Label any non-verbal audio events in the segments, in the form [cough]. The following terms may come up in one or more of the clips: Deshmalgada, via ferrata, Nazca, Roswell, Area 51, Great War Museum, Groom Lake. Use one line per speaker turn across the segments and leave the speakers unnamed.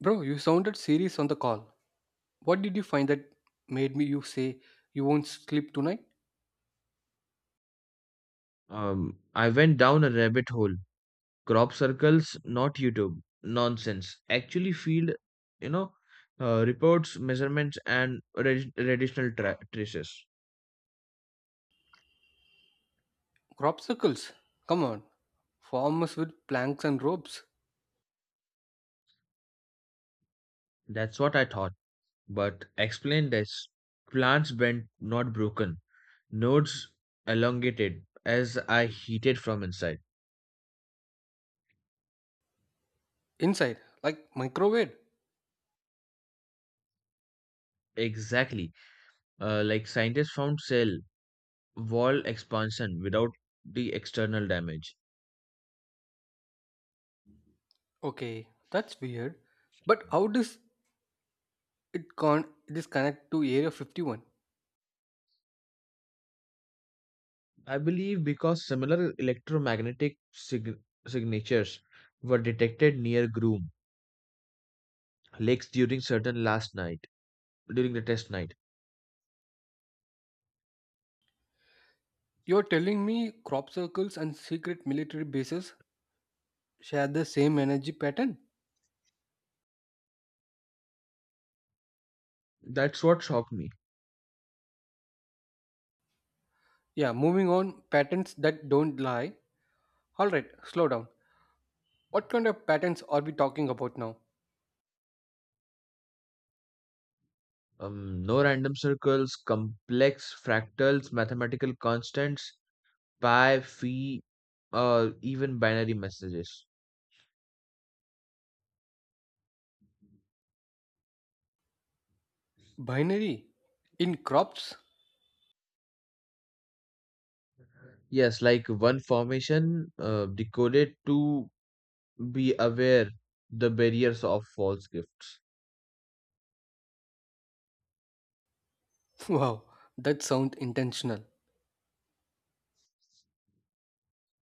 Bro, you sounded serious on the call. What did you find that made me you say you won't sleep tonight?
I went down a rabbit hole. Crop circles, not YouTube. Nonsense. Actually, field, you know, reports, measurements, and radiational traces.
Crop circles. Come on. Farmers with planks and ropes.
That's what I thought. But explain this. Plants bent, not broken. Nodes elongated as I heated from inside.
Inside, like microwave.
Exactly. Like scientists found cell wall expansion without the external damage.
Okay, that's weird. But how does it con this connect to Area 51?
I believe because similar electromagnetic signatures were detected near Groom lakes during certain last night during the test night.
You're telling me crop circles and secret military bases share the same energy pattern?
That's what shocked me.
Yeah, moving on, patterns that don't lie. Alright, slow down. What kind of patterns are we talking about now?
No random circles, complex fractals, mathematical constants, pi, phi, even binary messages.
Binary in crops?
Yes, like one formation decoded to be aware the barriers of false gifts.
[laughs] Wow, that sounds intentional.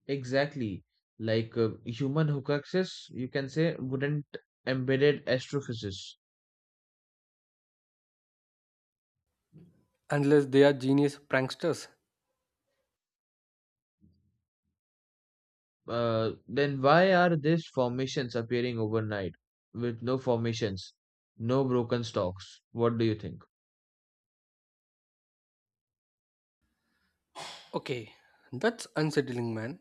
Exactly. Like human hoaxes, you can say, wouldn't embedded astrophysics.
Unless they are genius pranksters.
Then why are these formations appearing overnight with no formations, no broken stalks? What do you think?
Okay, that's unsettling, man.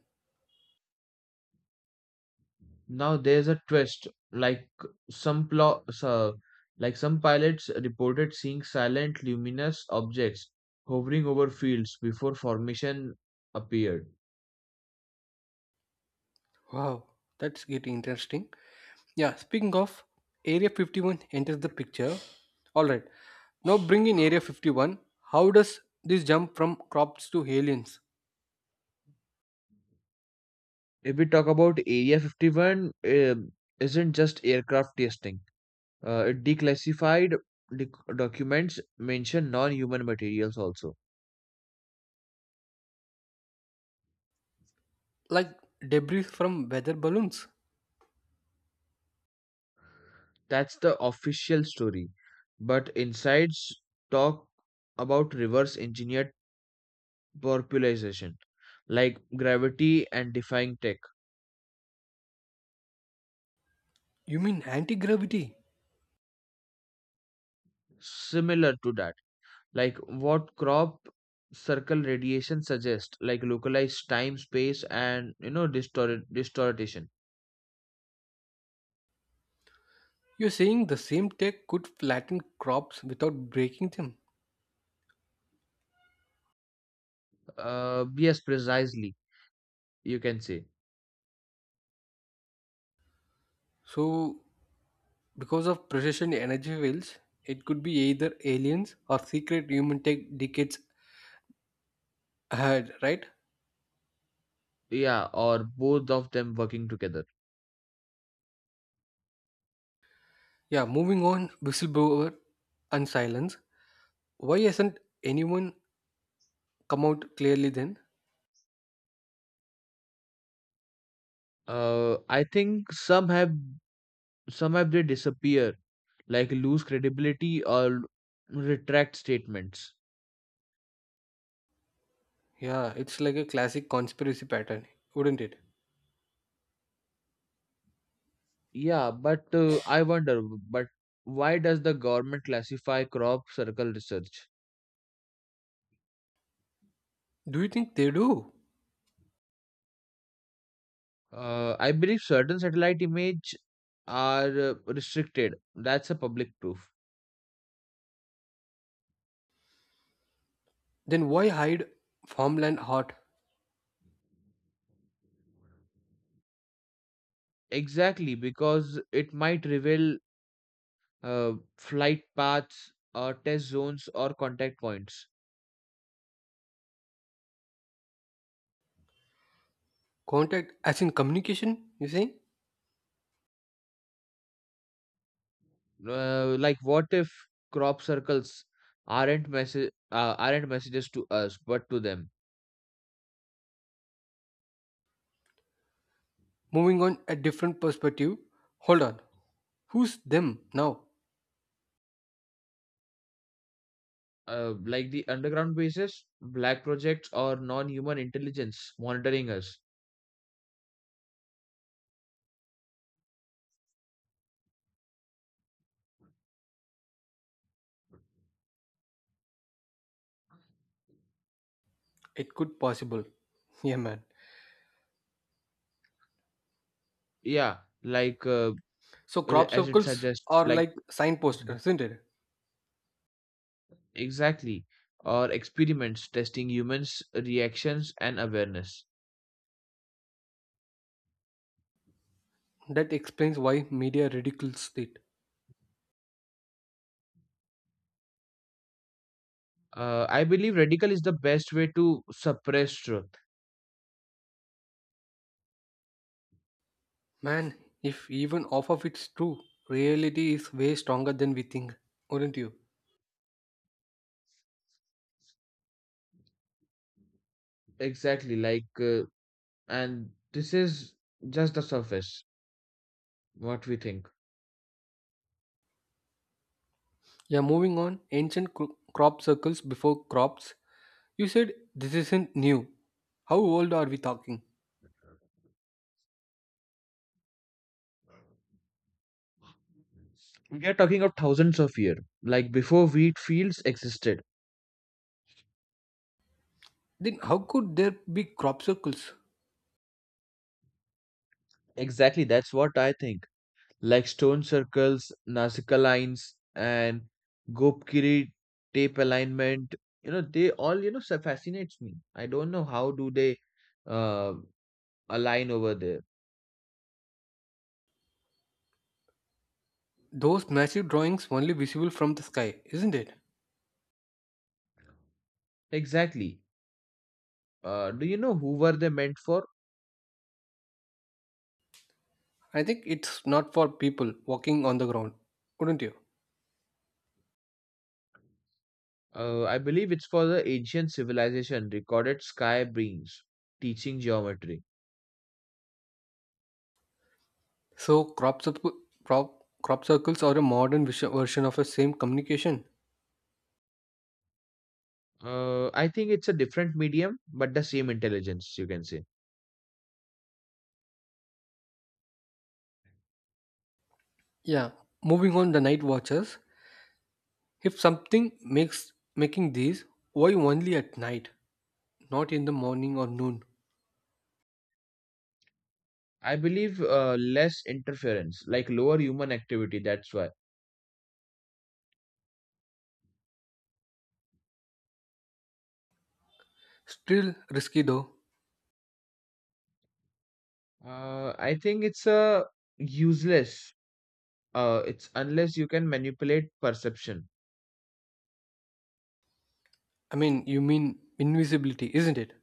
Now there's a twist. Some plo- so- like some pilots reported seeing silent luminous objects hovering over fields before formation appeared.
Wow, that's getting interesting. Yeah, speaking of, Area 51 enters the picture. Alright, now bring in Area 51. How does this jump from crops to aliens?
If we talk about Area 51, isn't just aircraft testing. It declassified documents mention non-human materials also.
Like debris from weather balloons?
That's the official story. But insides talk about reverse engineered popularization, like gravity and defying tech,
You mean anti gravity?
similar to that. Like what crop circle radiation suggests, like localized time, space, and you know distorted distortion.
You're saying the same tech could flatten crops without breaking them.
Yes, precisely. You can say,
So because of precision energy fields, it could be either aliens or secret human tech decades ahead, right?
yeah, or both of them working together.
Yeah, moving on, whistleblower and silence. Why hasn't anyone come out clearly then?
I think some have they disappear, like lose credibility or retract statements.
Yeah, it's like a classic conspiracy pattern, wouldn't it?
Yeah, but I wonder, but why does the government classify crop circle research?
Do you think they do?
I believe certain satellite image are restricted. That's a public proof.
Then why hide farmland hot?
Exactly, because it might reveal flight paths, or test zones, or contact points.
Contact as in communication, you saying?
Like, what if crop circles aren't messages to us, but to them?
Moving on a different perspective. Hold on. Who's them now?
Like the underground bases, black projects, or non-human intelligence monitoring us.
It could possible. Yeah man.
Yeah, like
So crop
as it
circles
suggests,
are
like
like signposts,
mm-hmm,
isn't it?
exactly, or experiments testing humans' reactions and awareness.
That explains why media ridicules it.
I believe radical is the best way to suppress truth.
Man, if even half of it's true, reality is way stronger than we think, wouldn't you?
Exactly, like, and this is just the surface, what we think.
Yeah, moving on. Ancient crop circles before crops. You said this isn't new. How old are we talking?
We are talking of thousands of years, like before wheat fields existed.
Then how could there be crop circles?
Exactly, that's what I think. Like stone circles, Nazca lines, and Gopkiri tape alignment. You know, they all, you know, so fascinates me. I don't know how do they uh, align over there.
Those massive drawings only visible from the sky, isn't it?
Exactly. Do you know who were they meant for?
I think it's not for people walking on the ground, wouldn't you?
I believe it's for the ancient civilization recorded sky beings teaching geometry.
So crop circles are a modern version of the same communication.
I think it's a different medium, but the same intelligence, you can say.
Yeah. Moving on the night watches. If something makes making these, why only at night, not in the morning or noon?
I believe less interference, like lower human activity. That's why.
Still risky though.
I think it's a useless. It's unless you can manipulate perception
I mean, you mean invisibility, isn't it?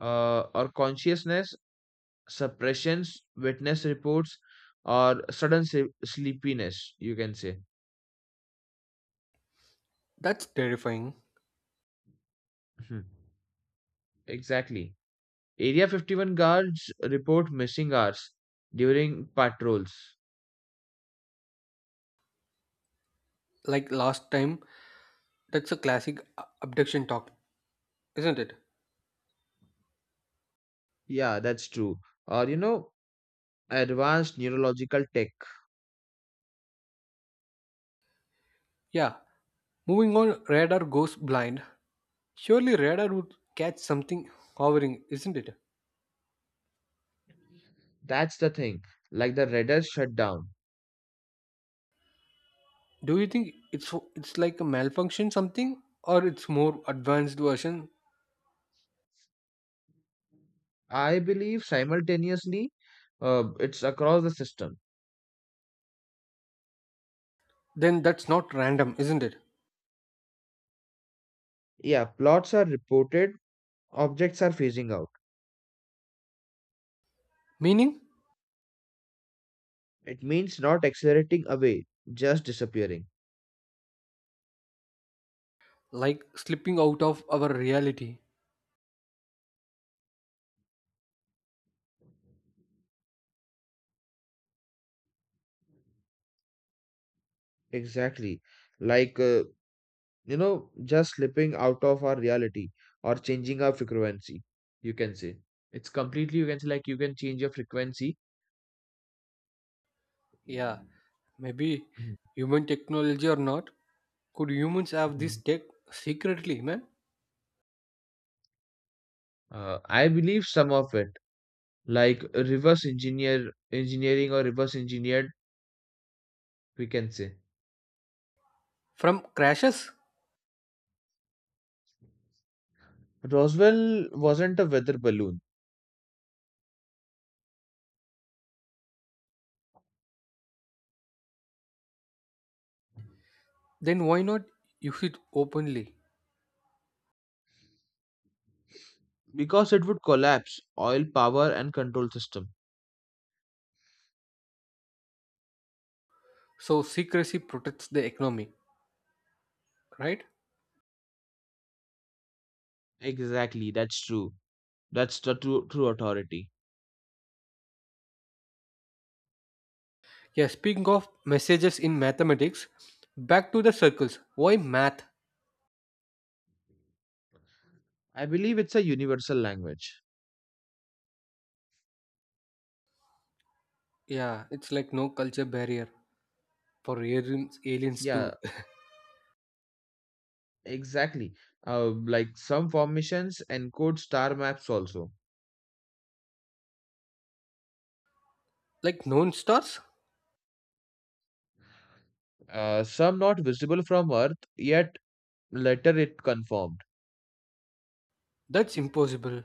or consciousness, suppressions, witness reports, or sudden sleepiness, you can say.
That's terrifying.
[laughs] Mhm. Exactly. Area 51 guards report missing hours during patrols.
Like last time, that's a classic abduction talk, isn't it?
Yeah, that's true. Or, you know, advanced neurological tech.
Yeah. Moving on, radar goes blind. Surely radar would catch something hovering, isn't it?
That's the thing. Like the radar shutdown.
Do you think it's like a malfunction something or it's more advanced version?
I believe simultaneously it's across the system.
Then that's not random, isn't it?
Yeah, plots are reported, objects are phasing out.
Meaning
It means not accelerating away, just disappearing.
like slipping out of our reality.
Exactly. Like you know, just slipping out of our reality or changing our frequency, you can say. It's completely, you can say, like you can change your frequency.
Yeah, maybe human technology or not. Could humans have this
Mhm.
tech secretly, man?
I believe some of it, like reverse engineered, we can say.
From crashes?
Roswell wasn't a weather balloon
Then why not use it openly?
because it would collapse oil power and control system.
So secrecy protects the economy, right?
Exactly, that's true. That's the true, true authority.
Yeah, speaking of messages in mathematics, back to the circles. Why math?
I believe it's a universal language.
Yeah, it's like no culture barrier for aliens
Yeah,
to [laughs]
exactly. Like some formations encode star maps also.
like known stars.
Some not visible from Earth, yet later it confirmed.
That's impossible.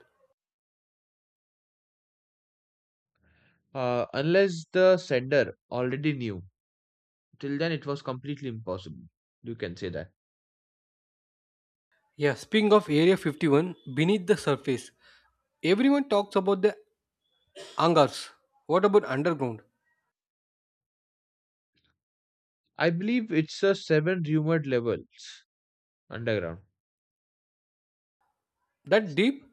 Unless the sender already knew. Till then, it was completely impossible. You can say that.
Yeah, speaking of Area 51, beneath the surface, everyone talks about the hangars. What about underground?
I believe it's a seven rumored levels underground.
That deep,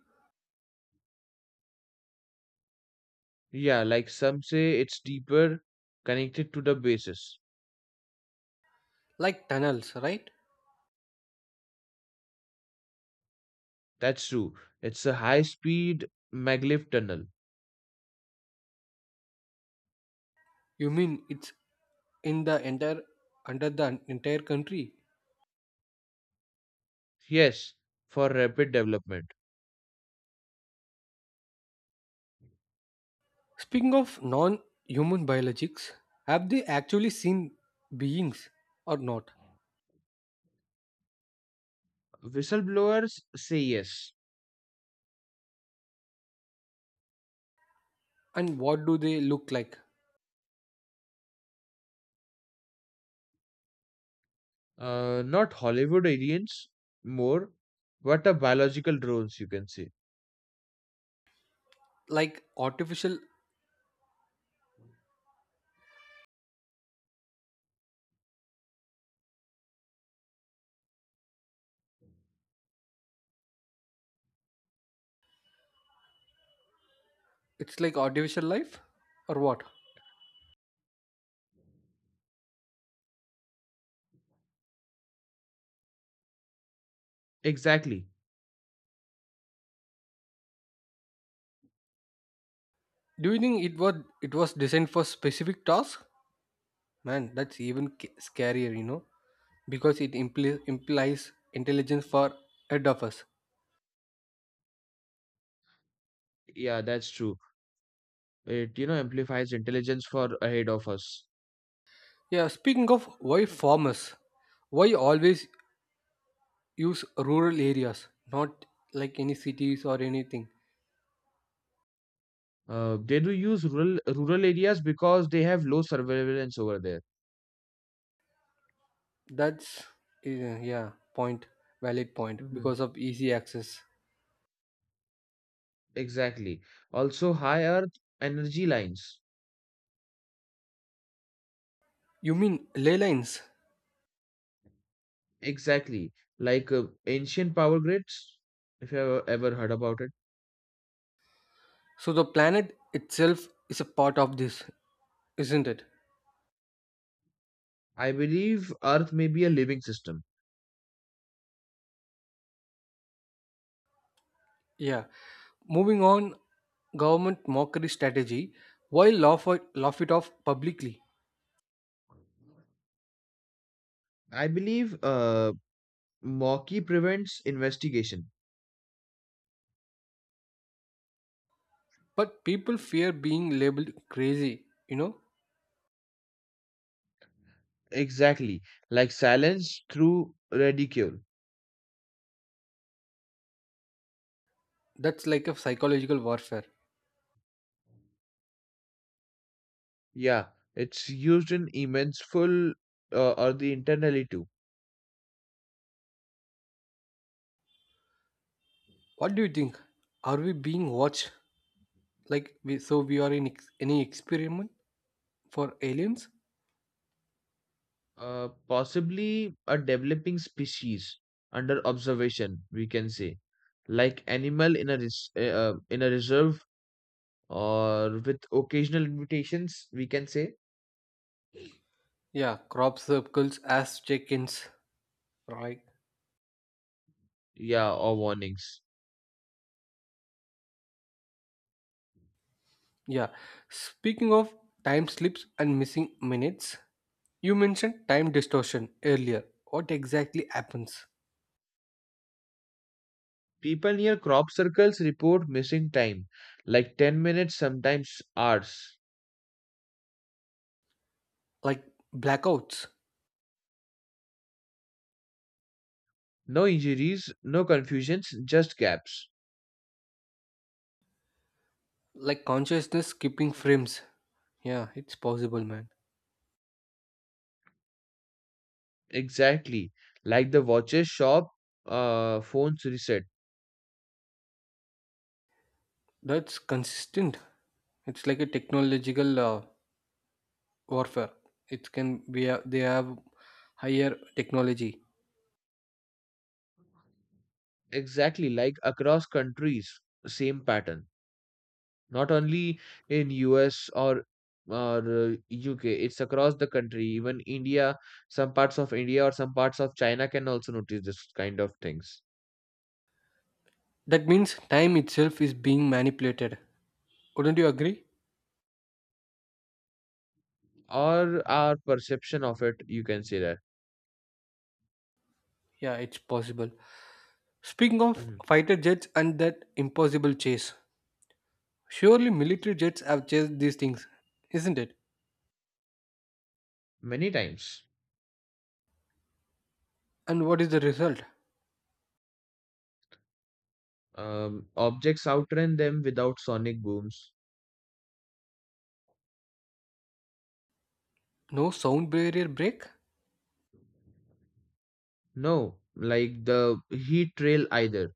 Yeah, like some say it's deeper connected to the bases.
like tunnels, right?
That's true. It's a high speed maglev tunnel.
You mean it's in the entire under the entire country?
Yes, for rapid development.
Speaking of non-human biologics, have they actually seen beings or not?
Whistleblowers say yes.
And what do they look like?
Not Hollywood aliens, more, but a biological drones, you can say.
Like artificial. It's like artificial life or what?
Exactly.
Do you think it was designed for specific tasks? Man, that's even scarier, you know, because it implies intelligence for head of us.
Yeah, that's true. It, you know, amplifies intelligence for ahead of us.
Yeah, speaking of why farmers, why always use rural areas, not like any cities or anything.
They do use rural areas because they have low surveillance over there.
That's uh, yeah, point, valid point
hmm
because of easy access.
Exactly. Also, high earth energy lines.
You mean ley lines?
Exactly. Like ancient power grids, if you have ever heard about it.
So the planet itself is a part of this, isn't it?
I believe Earth may be a living system.
Yeah. Moving on, government mockery strategy. Why laugh it off publicly?
I believe mockery prevents investigation.
But people fear being labeled crazy. You know,
Exactly, like silence through ridicule.
that's like a psychological warfare.
Yeah, it's used in immense full or the internally too.
What do you think? Are we being watched? Like, we, so we are in any experiment for aliens?
Possibly a developing species under observation, we can say, like animal in a reserve or with occasional invitations, we can say,
Yeah, crop circles as check ins, right?
yeah, or warnings.
Yeah. Speaking of time slips and missing minutes, you mentioned time distortion earlier. What exactly happens?
People near crop circles report missing time, like 10 minutes, sometimes hours.
Like blackouts,
No injuries, no confusions, just gaps.
like consciousness skipping frames. Yeah, it's possible, man.
Exactly. Like the watches shop, phones reset.
That's consistent. It's like a technological warfare. It can be a, they have higher technology.
Exactly. Like across countries, same pattern. Not only in US or UK, it's across the country. Even India, some parts of India or some parts of China can also notice this kind of things.
That means time itself is being manipulated. Wouldn't you agree?
Or our perception of it, you can say that.
Yeah, it's possible. Speaking of
Mhm.
fighter jets and that impossible chase, surely military jets have chased these things, isn't it?
Many times,
And what is the result?
objects outrun them without sonic booms.
No sound barrier break?
No, like the heat trail either,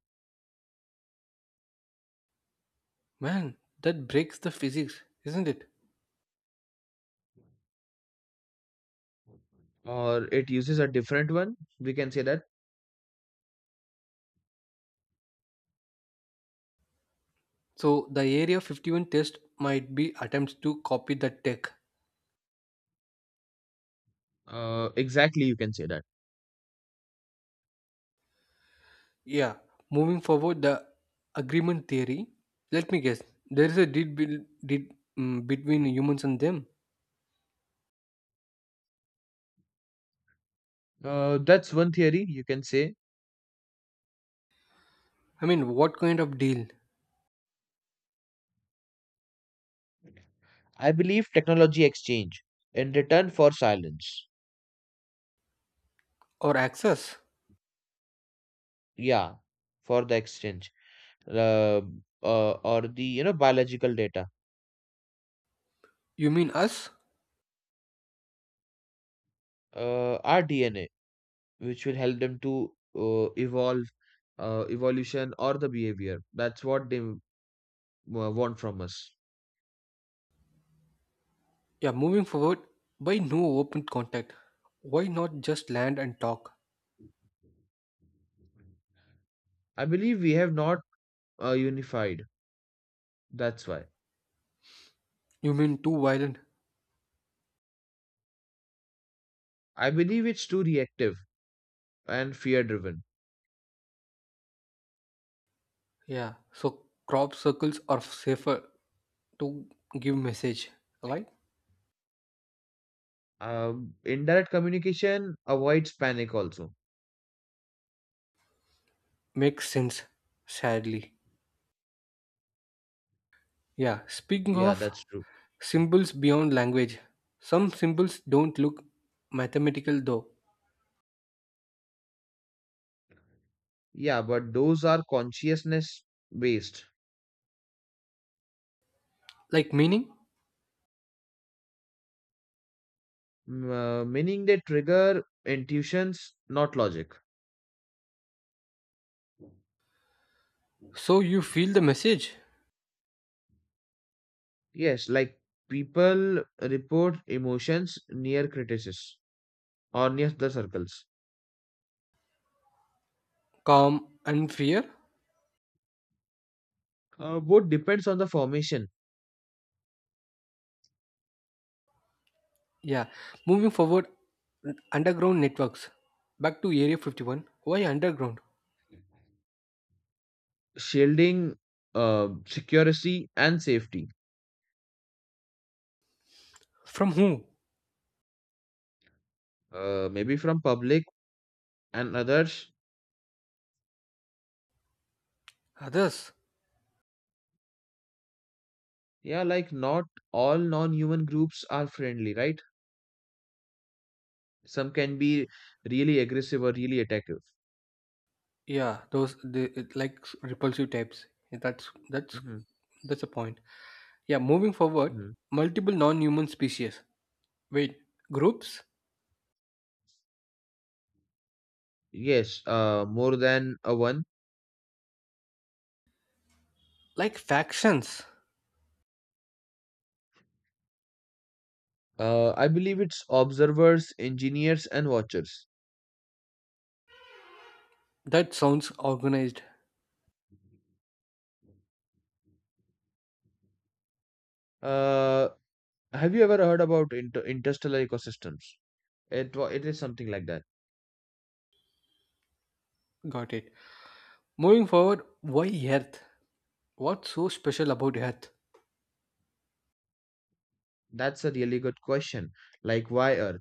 Man, that breaks the physics, isn't it?
or it uses a different one. We can say that.
So the Area 51 test might be attempts to copy the tech.
Exactly, you can say that.
Yeah, moving forward, the agreement theory. Let me guess, there is a deal between humans and them.
That's one theory you can say.
I mean, what kind of deal?
I believe technology exchange in return for silence.
Or access?
Yeah, for the exchange, uh, or the you know biological data,
You mean us?
our DNA, which will help them to evolve evolution or the behavior. That's what they want from us.
Yeah, moving forward, why no open contact? Why not just land and talk?
I believe we have not unified. That's why.
You mean too violent?
I believe it's too reactive and fear driven.
Yeah, so crop circles are safer to give message, right?
Indirect communication avoids panic also.
Makes sense, sadly. Yeah, speaking
Yeah,
of
that's true.
symbols beyond language, some symbols don't look mathematical though.
Yeah, but those are consciousness based,
Like meaning?
meaning they trigger intuitions, not logic.
So you feel the message?
Yes, like people report emotions near criticism or near the circles.
Calm and fear?
Both depends on the formation,
Yeah. Moving forward, underground networks. Back to Area 51. Why underground?
shielding, security and safety.
From who?
Maybe from public and others.
Others.
Yeah, like not all non-human groups are friendly, right? Some can be really aggressive or really attackable.
Yeah, those they, it like repulsive types. That's
hmm
that's a point. Yeah, moving forward,
hmm
multiple non-human species. Wait, groups?
Yes, more than a one.
Like factions?
I believe it's observers, engineers, and watchers.
That sounds organized.
Uh, have you ever heard about interstellar ecosystems? It is something like that.
Got it. Moving forward, why Earth? What's so special about Earth?
That's a really good question. Like why Earth?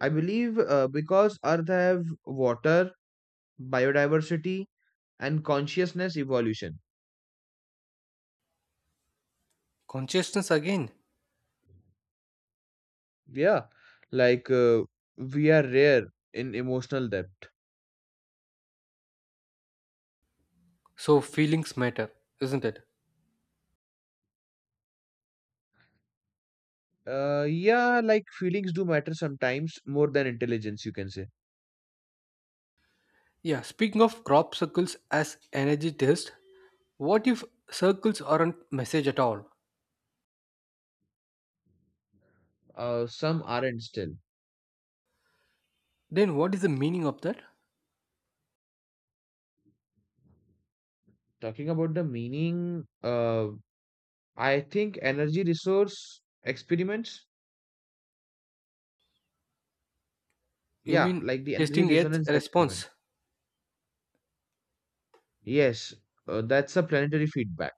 I believe because Earth have water, biodiversity, and consciousness evolution.
Consciousness again.
Yeah, like we are rare in emotional depth.
So feelings matter, isn't it?
Yeah, like feelings do matter sometimes more than intelligence, you can say.
Yeah, speaking of crop circles as energy test, what if circles aren't message at all?
Some aren't still.
Then what is the meaning of that?
Talking about the meaning, I think energy resource experiments.
You
Yeah,
mean
like the energy
testing Earth's
resonance
response?
experiment. Yes, that's a planetary feedback.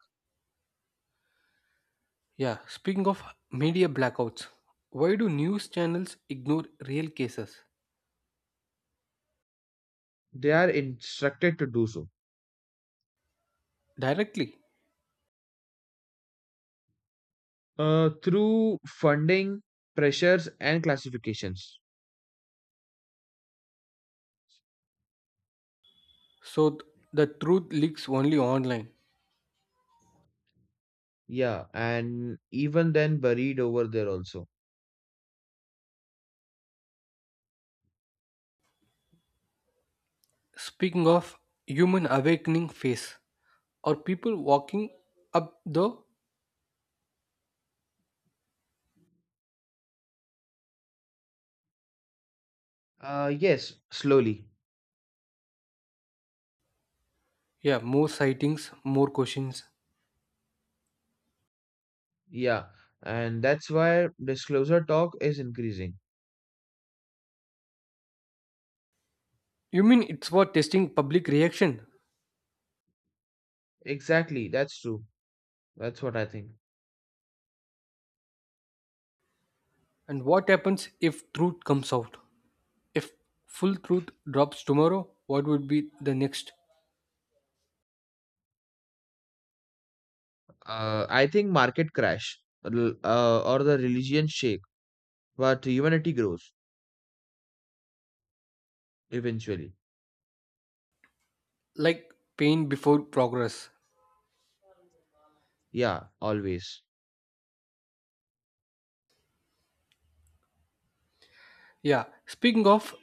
Yeah, speaking of media blackouts, why do news channels ignore real cases?
They are instructed to do so.
Directly.
Through funding, pressures, and classifications.
So the truth leaks only online.
Yeah, and even then buried over there also.
Speaking of human awakening phase, or people walking up the
Yes, slowly.
yeah more sightings, more questions.
Yeah, and that's why disclosure talk is increasing.
You mean it's for testing public reaction?
Exactly, that's true. That's what I think.
And what happens if truth comes out? If full truth drops tomorrow, what would be the next?
I think market crash or the religion shake, but humanity grows eventually.
Like pain before progress.
Yeah, always.
Yeah. Speaking of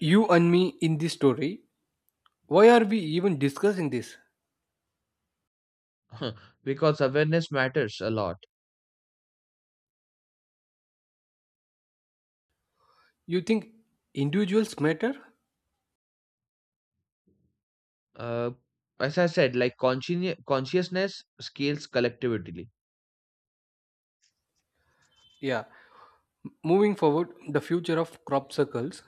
you and me in this story, why are we even discussing this?
[laughs] Because awareness matters a lot.
You think individuals matter?
Uh, as I said, like consciousness scales collectively.
Yeah. Moving forward, the future of crop circles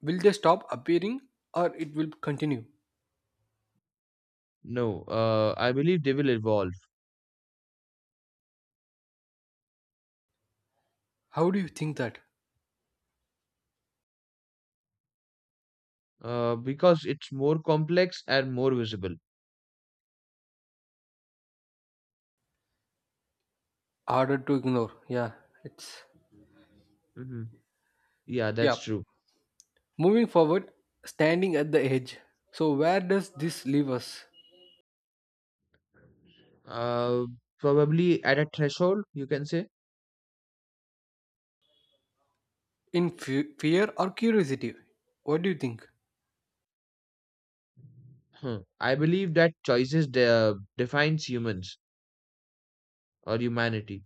will they stop appearing or it will continue?
No, I believe they will evolve
How do you think that?
because it's more complex and more visible.
Harder to ignore. Yeah. It's
hmm Yeah,
yeah.
that's true.
Moving forward, standing at the edge. So where does this leave us?
Uh, Probably at a threshold, you can say.
In fear or curiosity? What do you think?
Hmm. I believe that choices defines humans or humanity.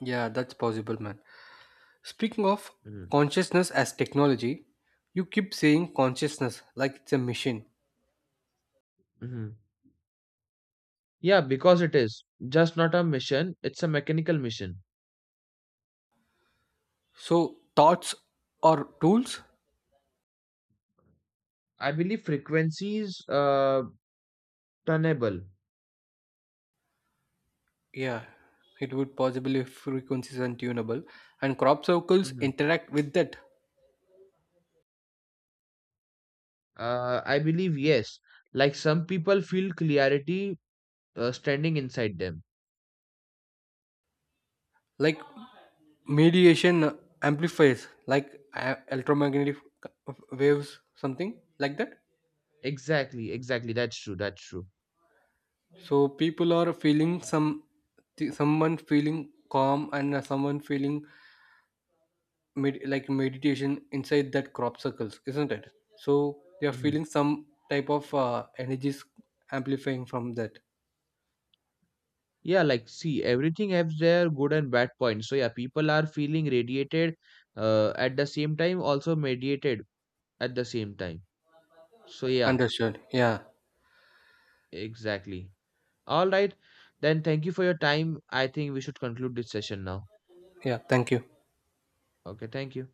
Yeah, that's possible, man. Speaking of consciousness as technology, you keep saying consciousness like it's a machine.
Mm-hmm. Yeah, because it is just not a mission; it's a mechanical mission.
So thoughts are tools?
I believe frequencies tunable.
Yeah, it would possibly frequencies untunable, and crop circles
Mhm.
interact with that,
I believe yes. Like some people feel clarity standing inside them.
like mediation amplifiers, like electromagnetic waves, something like that.
Exactly, exactly. That's true. That's true.
So people are feeling some, someone feeling calm and someone feeling like meditation inside that crop circles, isn't it? So they are
hmm
feeling some type of energies amplifying from that.
Yeah, like see, everything has their good and bad points. So yeah, people are feeling radiated at the same time, also mediated at the same time. So yeah,
Understood. Yeah,
exactly. All right. Then thank you for your time. I think we should conclude this session now.
yeah. Thank you.
Okay, thank you.